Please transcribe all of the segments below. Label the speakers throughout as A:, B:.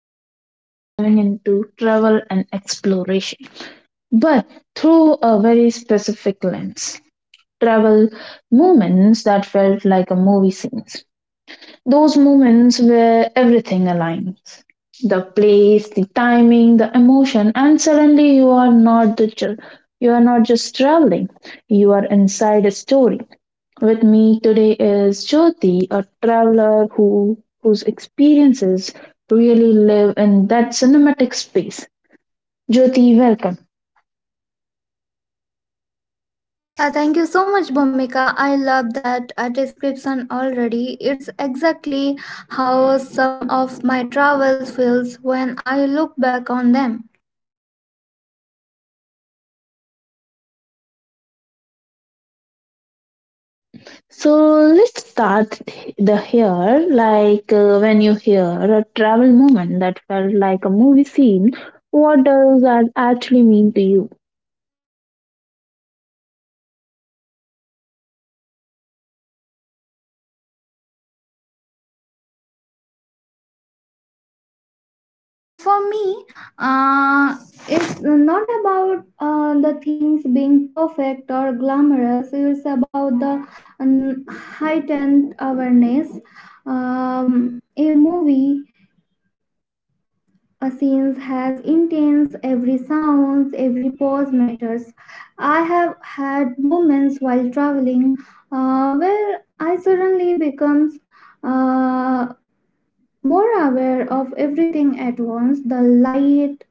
A: and today we are diving into travel and exploration. But through a very specific lens. Travel moments that felt like a movie scenes. Those moments where everything aligns. The place, the timing, the emotion, and suddenly you are not the you are not just traveling. You are inside a story with me today is Jyoti, a traveler whose experiences really live in that cinematic space. Jyoti, welcome.
B: Thank you so much, Bhumika. I love that description already. It's exactly how some of my travels feels when I look back on them.
A: So let's start the here. Like when you hear a travel moment that felt like a movie scene, what does that actually mean to you?
B: For me, uh, it's not about the things being perfect or glamorous. It's about the um, heightened awareness. Um, a movie A scene has intents, every sound, every pause matters. I have had moments while traveling where I suddenly becomes uh, more aware of everything at once the light,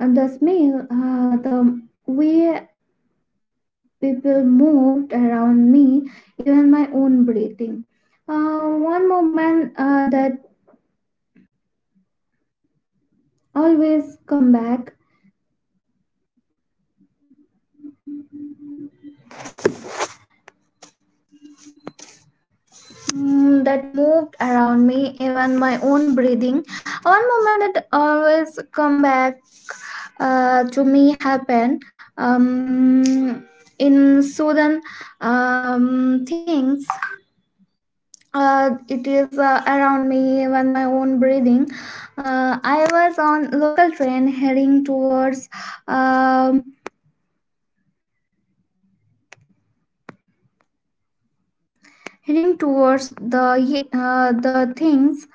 B: the smell, the way people moved around me, even my own breathing. One moment that always come back that moved around me, even my own breathing. One moment that always come back to me happened um, in sudden things. It is around me, even my own breathing. I was on local train heading towards. Um, Heading towards the the things,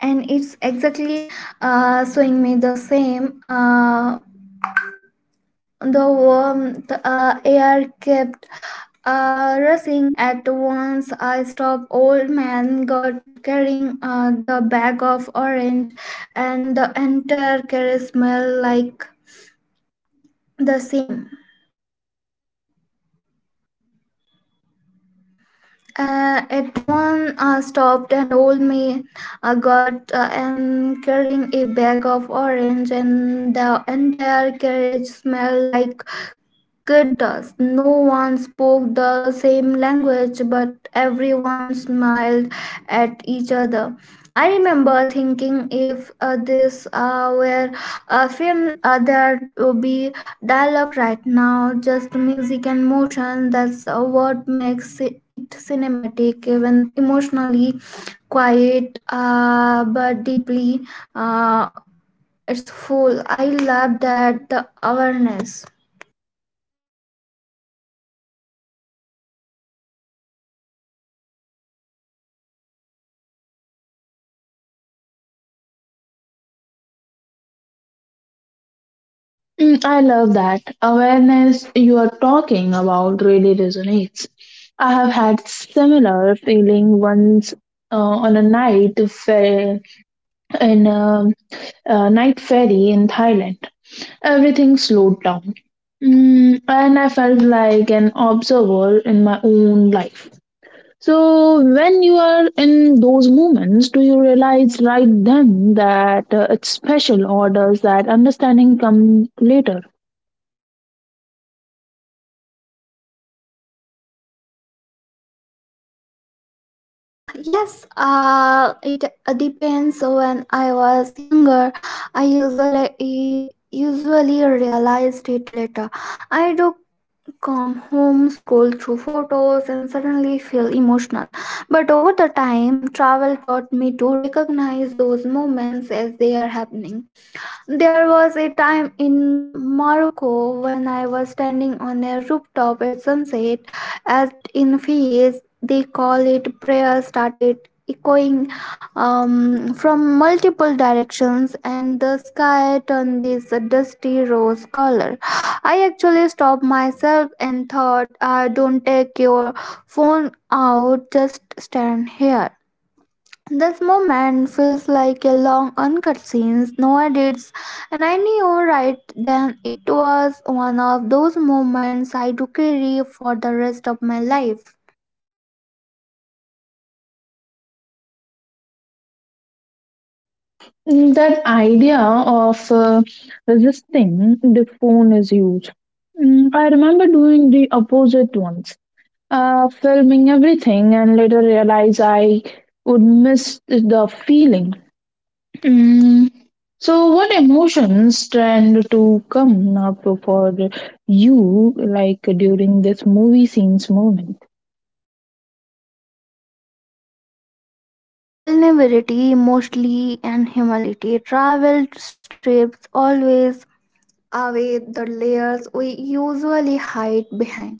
B: and it's exactly showing me the same. The warmth air kept rushing at once. I stopped. Old man got carrying the bag of orange, and the entire carriage smelled like the same. At one stopped, and old man got and carrying a bag of orange, and the entire carriage smelled like Gurtas. No one spoke the same language, but everyone smiled at each other. I remember thinking if this were a film, there would be dialogue right now, just music and motion. That's what makes it cinematic, even emotionally quiet but deeply. Uh, it's full. I love that the awareness.
A: Mm, I love that awareness you are talking about really resonates. I have had similar feeling once uh, on a night fer- in a, a night ferry in Thailand. Everything slowed down, mm, and I felt like an observer in my own life. So when you are in those moments, do you realize right then that it's special, or does that understanding come later?
B: Yes, it depends. When I was younger, I usually realized it later. I do come home, scroll through photos, and suddenly feel emotional. But over the time, travel taught me to recognize those moments as they are happening. There was a time in Morocco when I was standing on a rooftop at sunset, as in Fez, they call it prayer started echoing from multiple directions, and the sky turned this dusty rose color. I actually stopped myself and thought, don't take your phone out, just stand here. This moment feels like a long uncut scene, no edits, and I knew right then it was one of those moments I do carry for the rest of my life.
A: Mm, that idea of resisting the phone is huge. Mm, I remember doing the opposite once, filming everything, and later realized I would miss the feeling. Mm. So, what emotions tend to come up for you, like during this movie scenes moment?
B: Vulnerability, mostly, and humility travel strips always away the layers we usually hide behind.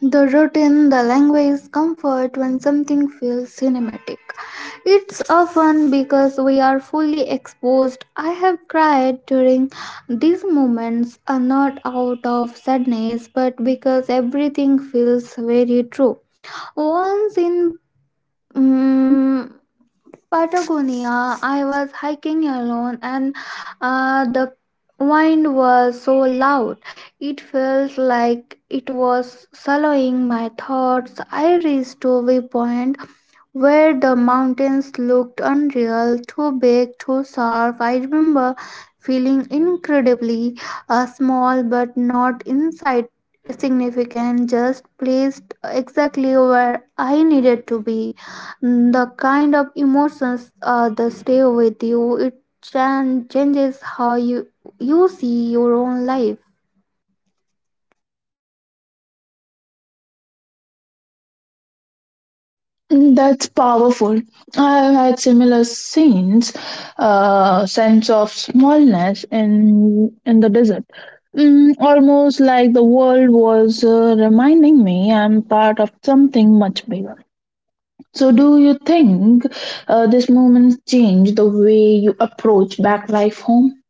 B: The routine, the language, comfort when something feels cinematic. It's often because we are fully exposed. I have cried during these moments, not out of sadness, but because everything feels very true. Once in mm Patagonia, I was hiking alone, and the wind was so loud. It felt like it was swallowing my thoughts. I reached a viewpoint where the mountains looked unreal, too big, too sharp. I remember feeling incredibly small but not inside significant, just placed exactly where I needed to be. Mm, the kind of emotions that stay with you, it changes how you see your own life.
A: That's powerful. I've had similar scenes, sense of smallness in the desert, mm, almost like the world was reminding me I'm part of something much bigger. So, do you think this moment changed the way you approach back life home?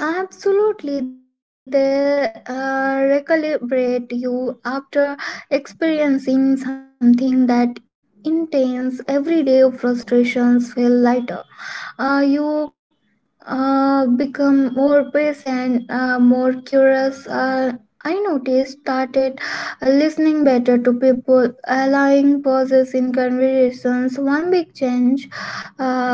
B: Absolutely, they recalibrate you after experiencing something that intense. Everyday frustrations feel lighter. You become more patient, more curious. I noticed started listening better to people, allowing pauses in conversations. One big change was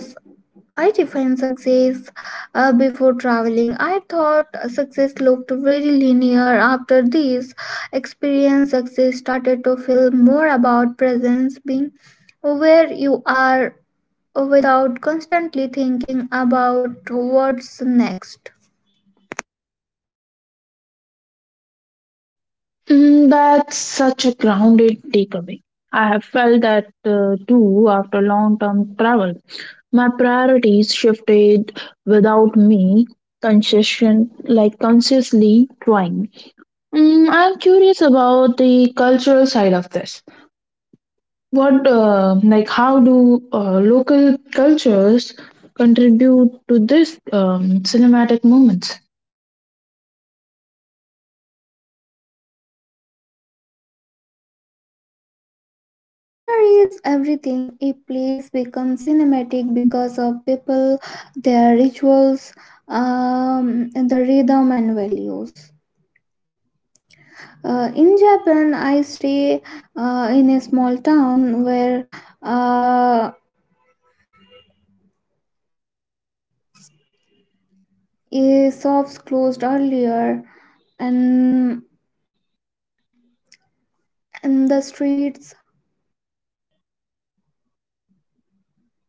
B: I defined success before traveling. I thought success looked very linear. After this experience, success started to feel more about presence, being where you are without constantly thinking about what's next.
A: Mm, that's such a grounded takeaway. I have felt that too after long term travel. My priorities shifted without me conscious- like consciously trying. Mm, I'm curious about the cultural side of this. What, how do local cultures contribute to this cinematic moments?
B: Culture is everything. A place becomes cinematic because of people, their rituals, the rhythm, and values. In Japan, I stay in a small town where uh, a shops closed earlier, and the streets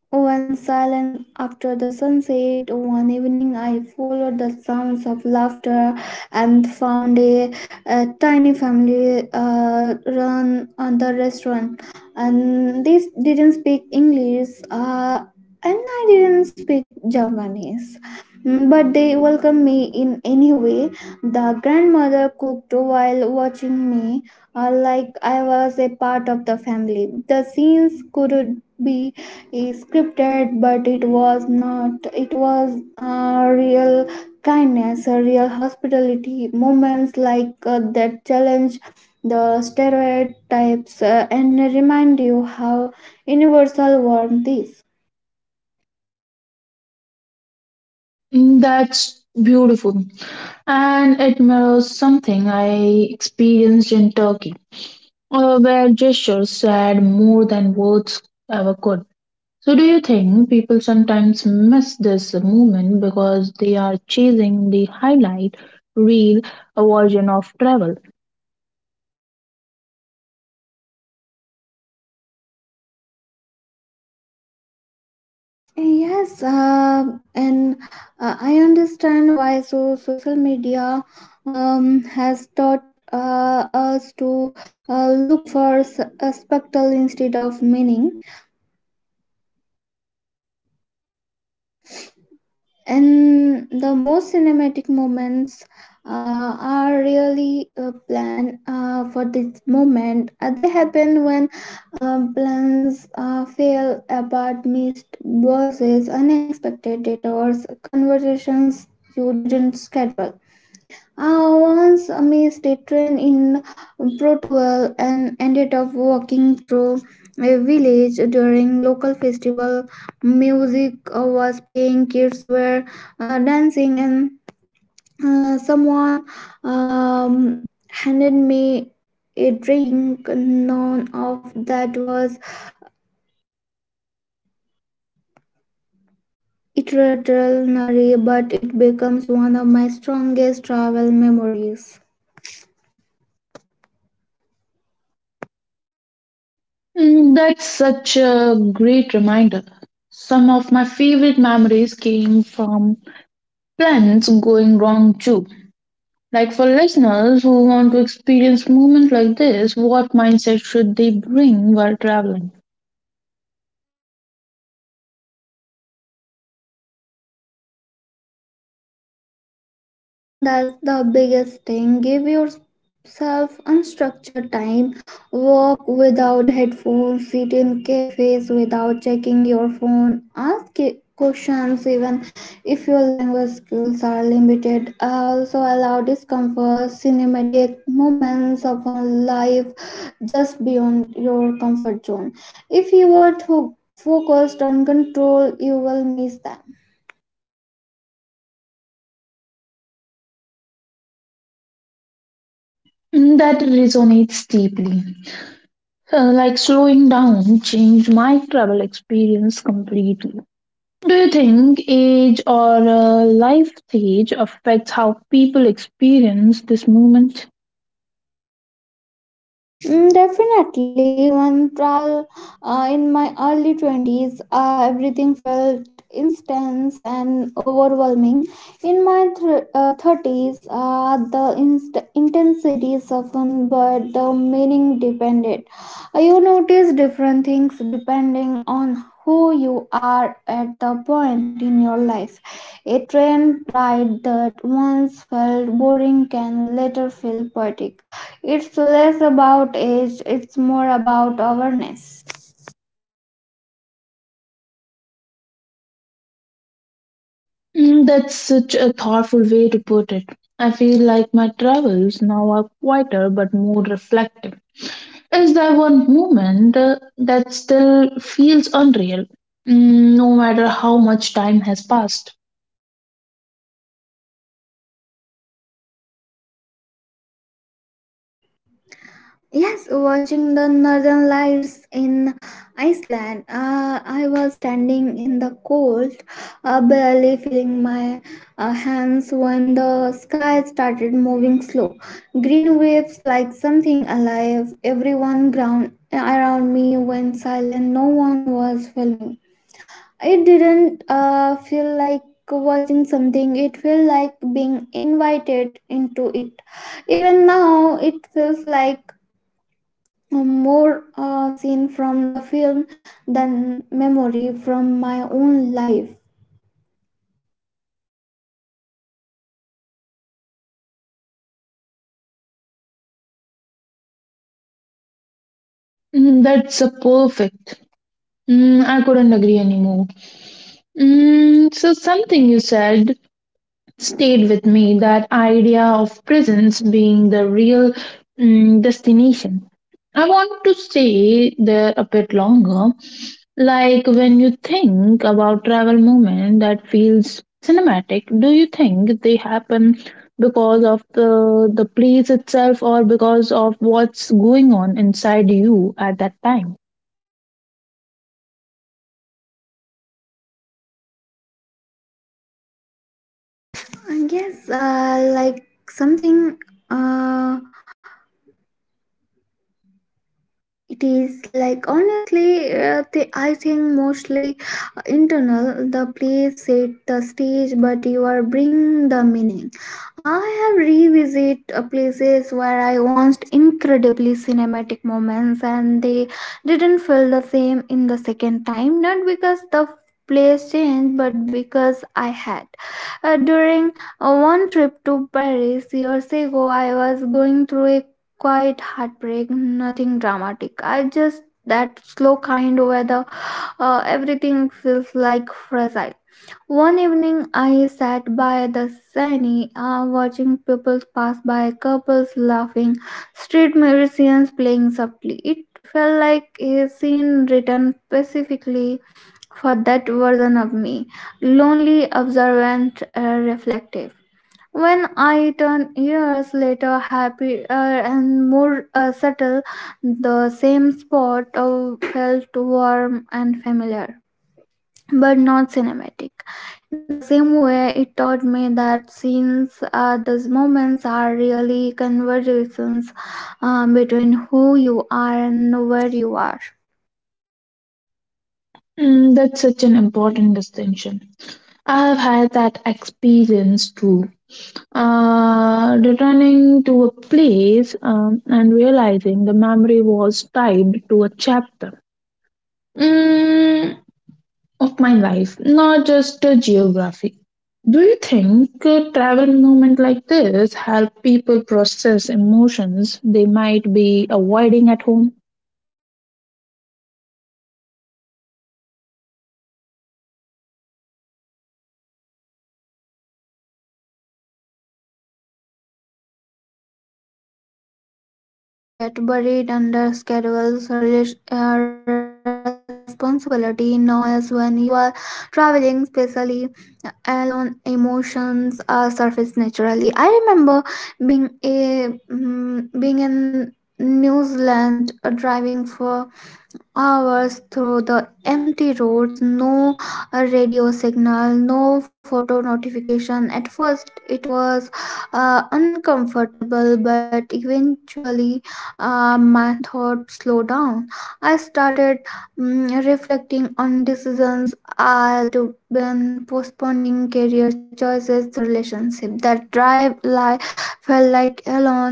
B: One silence after the sunset, one evening I followed the sounds of laughter and found a tiny family run on the restaurant. And they didn't speak English, and I didn't speak Japanese. Mm, but they welcomed me in any way. The grandmother cooked while watching me, like I was a part of the family. The scenes could be is scripted, but it was not, it was a real kindness, a real hospitality moments like that challenge the stereotypes and remind you how universal warmth is.
A: Mm, that's beautiful. And it mirrors something I experienced in Turkey, where gestures said more than words ever could. So, do you think people sometimes miss this moment because they are chasing the highlight reel version of travel?
B: Yes, and I understand why, so social media has taught us to look for a spectacle instead of meaning, and the most cinematic moments are really planned for this moment. They happen when plans fail about missed buses, unexpected detours, conversations you didn't schedule. I once I missed a train in Portugal and ended up walking through a village during local festival. Music was playing, kids were dancing, and someone um, handed me a drink. None of that was extraordinary, but it becomes one of my strongest travel memories.
A: Mm, that's such a great reminder. Some of my favorite memories came from plans going wrong too. Like for listeners who want to experience movement like this, what mindset should they bring while traveling?
B: Slow down, that's the biggest thing. Give yourself unstructured time. Walk without headphones, sit in cafes without checking your phone, ask questions even if your language skills are limited. Also, allow discomfort, cinematic moments upon life just beyond your comfort zone. If you are too focused on control, you will miss them.
A: Mm, that resonates deeply. Like slowing down changed my travel experience completely. Do you think age or life stage affects how people experience this movement?
B: Mm, definitely, when travel in my early 20s, everything felt intense and overwhelming. In my thr 30s, the intensity softened, but the meaning depended. You notice different things depending on who you are at the point in your life. A train ride that once felt boring can later feel poetic, it's less about age, it's more about awareness.
A: Mm, that's such a thoughtful way to put it. I feel like my travels now are quieter but more reflective. Is there one moment that still feels unreal, mm, no matter how much time has passed?
B: Yes, watching the northern lights in Iceland, I was standing in the cold, barely feeling my hands when the sky started moving slow. Green waves like something alive, everyone ground around me went silent, no one was filming. It didn't feel like watching something, it felt like being invited into it. Even now, it feels like a more scene from the film than memory from my own life.
A: Mm, that's a perfect. Mm, I couldn't agree anymore. Mm, so, something you said stayed with me, that idea of prisons being the real, mm, destination. I want to stay there a bit longer. Like when you think about travel moment that feels cinematic, do you think they happen because of the place itself or because of what's going on inside you at that time?
B: I guess like something. Uh, It is like honestly, I think mostly internal. The place set the stage, but you are bring the meaning. I have revisit places where I watched incredibly cinematic moments, and they didn't feel the same in the second time. Not because the place changed, but because I had. During one trip to Paris years ago, I was going through a quite heartbreak, nothing dramatic. I just that slow kind weather, everything feels like fragile. One evening, I sat by the sunny, watching people pass by, couples laughing, street musicians playing softly. It felt like a scene written specifically for that version of me, lonely, observant, reflective. When I turn years later, happier and more subtle, the same spot felt warm and familiar, but not cinematic. In the same way, it taught me that scenes, those moments are really conversations between who you are and where you are.
A: Mm, that's such an important distinction. I've had that experience too. Returning to a place, and realizing the memory was tied to a chapter, mm, of my life, not just a geography. Do you think a travel moment like this help people process emotions they might be avoiding at home?
B: Mm, very much so. Travel removes distraction at home. Emotions get buried under schedules, responsibility, noise. When you are traveling, especially alone, emotions surface naturally. I remember being a mm being in New Zealand, driving for hours through the empty roads, no radio signal, no photo notification. At first, it was uncomfortable, but eventually, my thoughts slowed down. I started reflecting on decisions I'd been postponing, career choices, the relationship that drive life felt like alone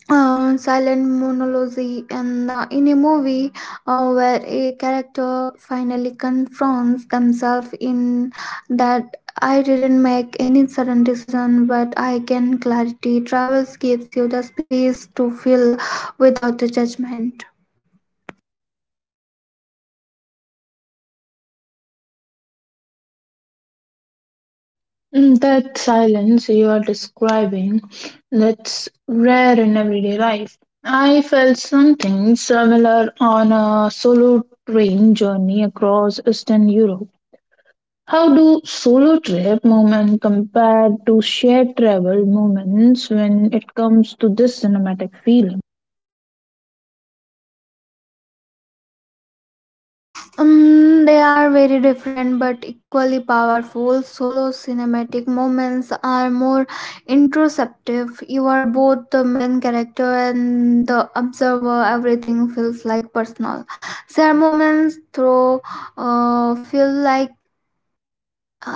B: silent monologue, and in a movie where a character finally confronts themselves in that I didn't make any sudden decision, but I can clarity. Travels gives you the space to feel without the judgment.
A: Mm, that silence you are describing, that's rare in everyday life. I felt something similar on a solo train journey across Eastern Europe. How do solo trip moments compare to shared travel moments when it comes to this cinematic feeling?
B: They are very different but equally powerful. Solo cinematic moments are more introspective. You are both the main character and the observer. Everything feels like personal. Share moments through feel like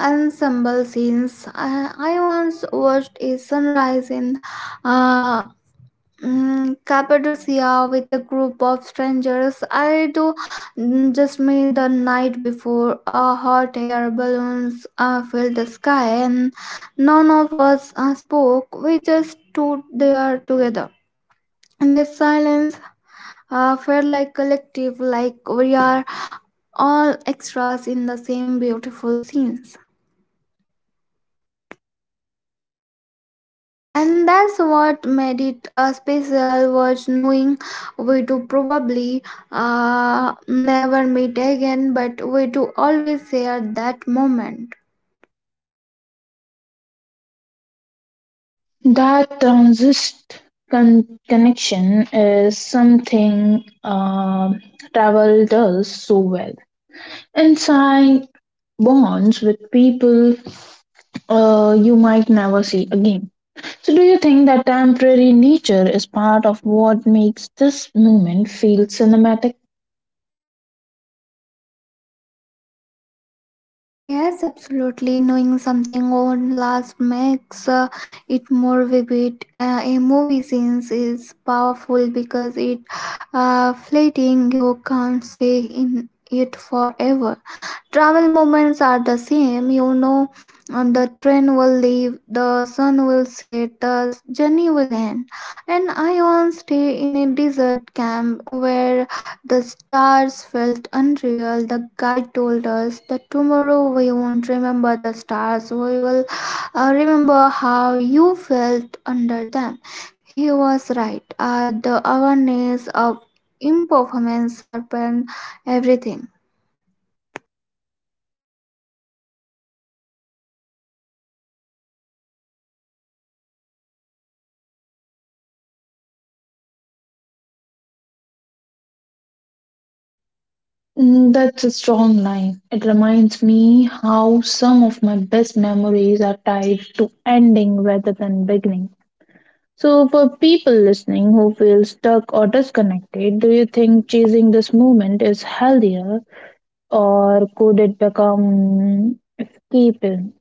B: ensemble scenes. I once watched a sunrise in uh, Cappadocia with a group of strangers. I do just made the night before. Hot air balloons filled the sky, and none of us spoke. We just stood there together. The silence felt like collective, like we are all extras in the same beautiful scenes, and that's what made it a special was knowing we to probably never meet again, but we to always share that moment.
A: That connection is something, travel does so well. And bonds with people you might never see again. So, do you think that temporary nature is part of what makes this moment feel cinematic?
B: Ah, yes, absolutely, knowing something won't last makes it more vivid, a movie scenes is powerful because it fleeting, you can't stay in it forever. Travel moments are the same, you know, and the train will leave, the sun will set, the journey will end. And I once stayed in a desert camp where the stars felt unreal. The guide told us that tomorrow we won't remember the stars, we will remember how you felt under them. He was right, the awareness of impermanence happened everything.
A: Mm, that's a strong line. It reminds me how some of my best memories are tied to ending rather than beginning. So, for people listening who feel stuck or disconnected, do you think chasing this moment is healthier, or could it become escapism?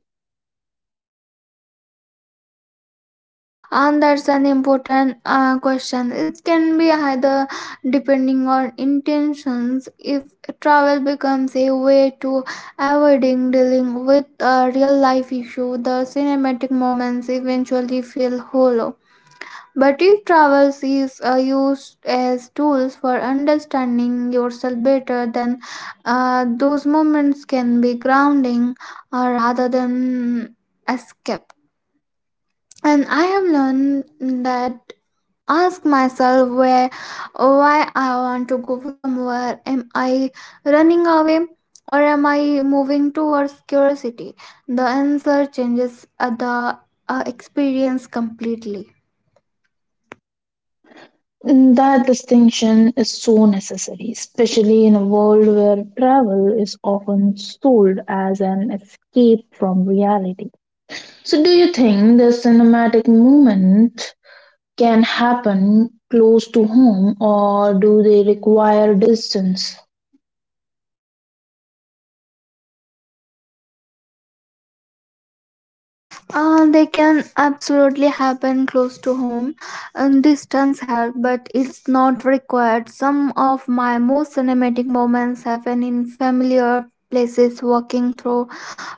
B: And that's an important question, it can be either depending on intentions. If travel becomes a way to avoiding dealing with a real life issue, the cinematic moments eventually feel hollow. But if travel is used as tools for understanding yourself better, then those moments can be grounding rather than escape. And I have learned that ask myself where why I want to go somewhere. Am I running away, or am I moving towards curiosity? The answer changes the experience completely.
A: Mm, that distinction is so necessary, especially in a world where travel is often sold as an escape from reality. So, do you think the cinematic movement can happen close to home, or do they require distance?
B: They can absolutely happen close to home, and distance help, but it's not required. Some of my most cinematic moments happen in familiar places, walking through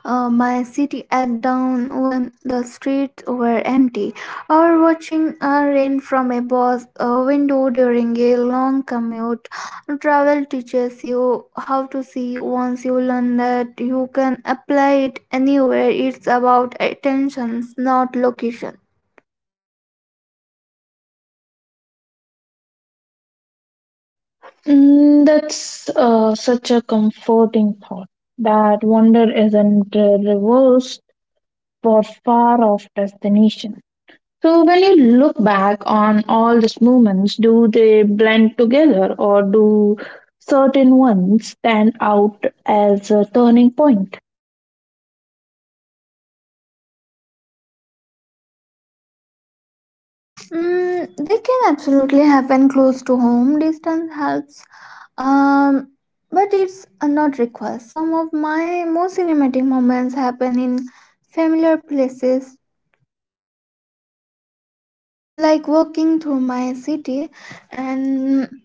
B: my city at dawn when the streets were empty, or watching rain from a bus window during a long commute. Travel teaches you how to see, once you learn that you can apply it anywhere. It's about attentions, not location.
A: Mm, that's such a comforting thought. That wonder isn't reversed for far off destination. So, when you look back on all these moments, do they blend together, or do certain ones stand out as a turning point?
B: Mm, they can absolutely happen close to home. Distance helps, um, but it's not required. Some of my most cinematic moments happen in familiar places, like walking through my city and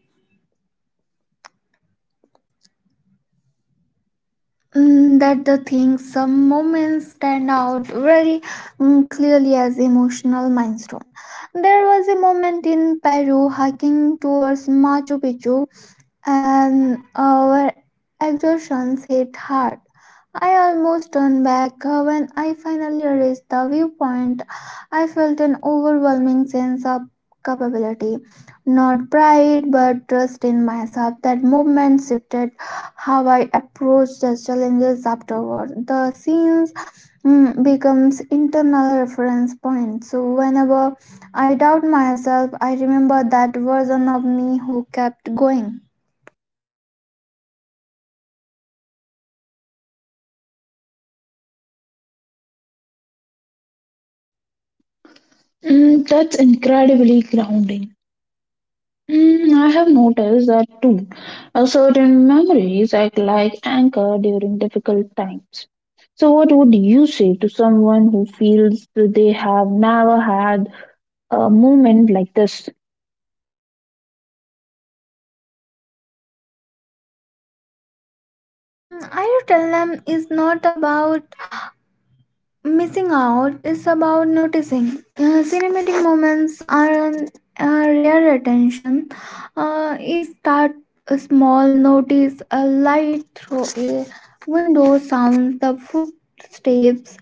B: Mm, that the thing, some moments stand out very clearly as emotional milestone. There was a moment in Peru hiking towards Machu Picchu, and our exertions hit hard. I almost turned back when I finally reached the viewpoint. I felt an overwhelming sense of capability, not pride but trust in myself. That moment shifted how I approached the challenges afterward. The scenes becomes internal reference points. So whenever I doubt myself, I remember that version of me who kept going.
A: Mm, that's incredibly grounding. Mm, I have noticed that too. Certain memories act like anchor during difficult times. So, what would you say to someone who feels that they have never had a moment like this?
B: Mm, I tell them is not about missing out, it's about noticing. Cinematic moments are a rare attention. Is start small, notice a light through a window, sounds, the footsteps,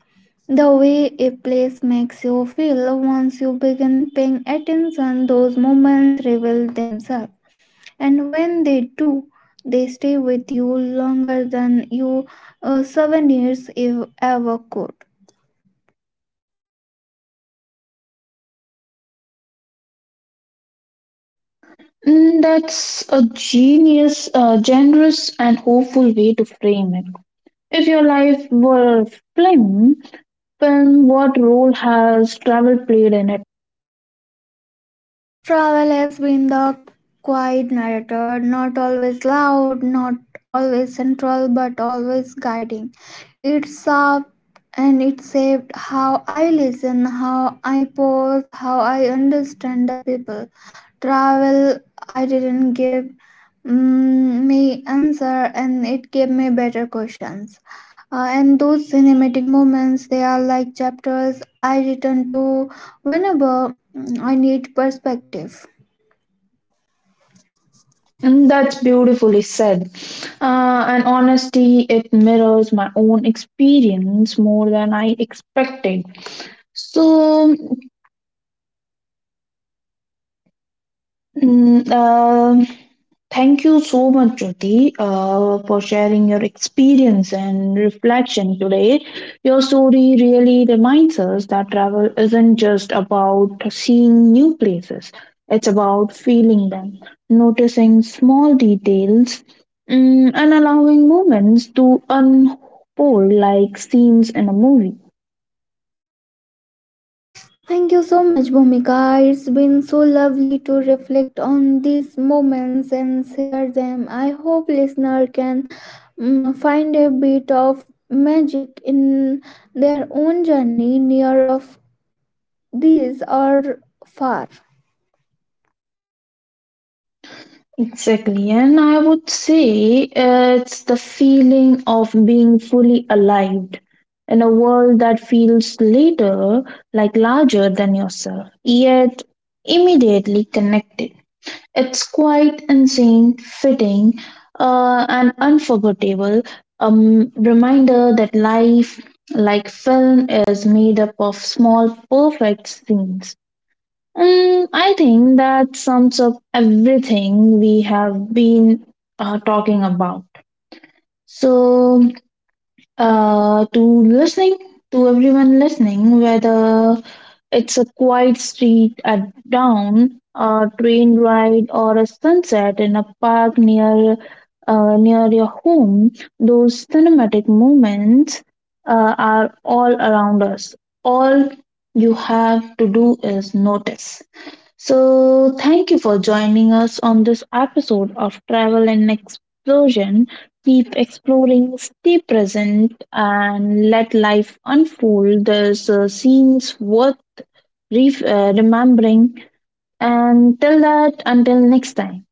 B: the way a place makes you feel. Once you begin paying attention, those moments reveal themselves, and when they do, they stay with you longer than you souvenirs if ever could.
A: Mm, that's a genius, generous, and hopeful way to frame it. If your life were a film, then what role has travel played in it?
B: Travel has been the quiet narrator, not always loud, not always central, but always guiding. It up, and it saved how I listen, how I pause, how I understand the people. Travel, I didn't give me answer, and it gave me better questions. And those cinematic moments, they are like chapters I return to whenever I need perspective.
A: Mm, that's beautifully said. And honestly, it mirrors my own experience more than I expected. So, Mm, um, thank you so much, Jyoti, for sharing your experience and reflection today. Your story really reminds us that travel isn't just about seeing new places, it's about feeling them, noticing small details, mm, and allowing moments to unfold like scenes in a movie.
B: Thank you so much, Bhumika. It's been so lovely to reflect on these moments and share them. I hope listener can find a bit of magic in their own journey, near of these or far.
A: Exactly, and I would say it's the feeling of being fully alive in a world that feels later like larger than yourself, yet immediately connected. It's quite insane, fitting, and unforgettable. Reminder that life, like film, is made up of small, perfect scenes. Mm, I think that sums up everything we have been talking about. So, uh, to listening, to everyone listening, whether it's a quiet street at dawn, a train ride, or a sunset in a park near your home, those cinematic moments are all around us. All you have to do is notice. So, thank you for joining us on this episode of Travel and Explosion. Keep exploring, stay present, and let life unfold. There's scenes worth remembering. And till that, until next time.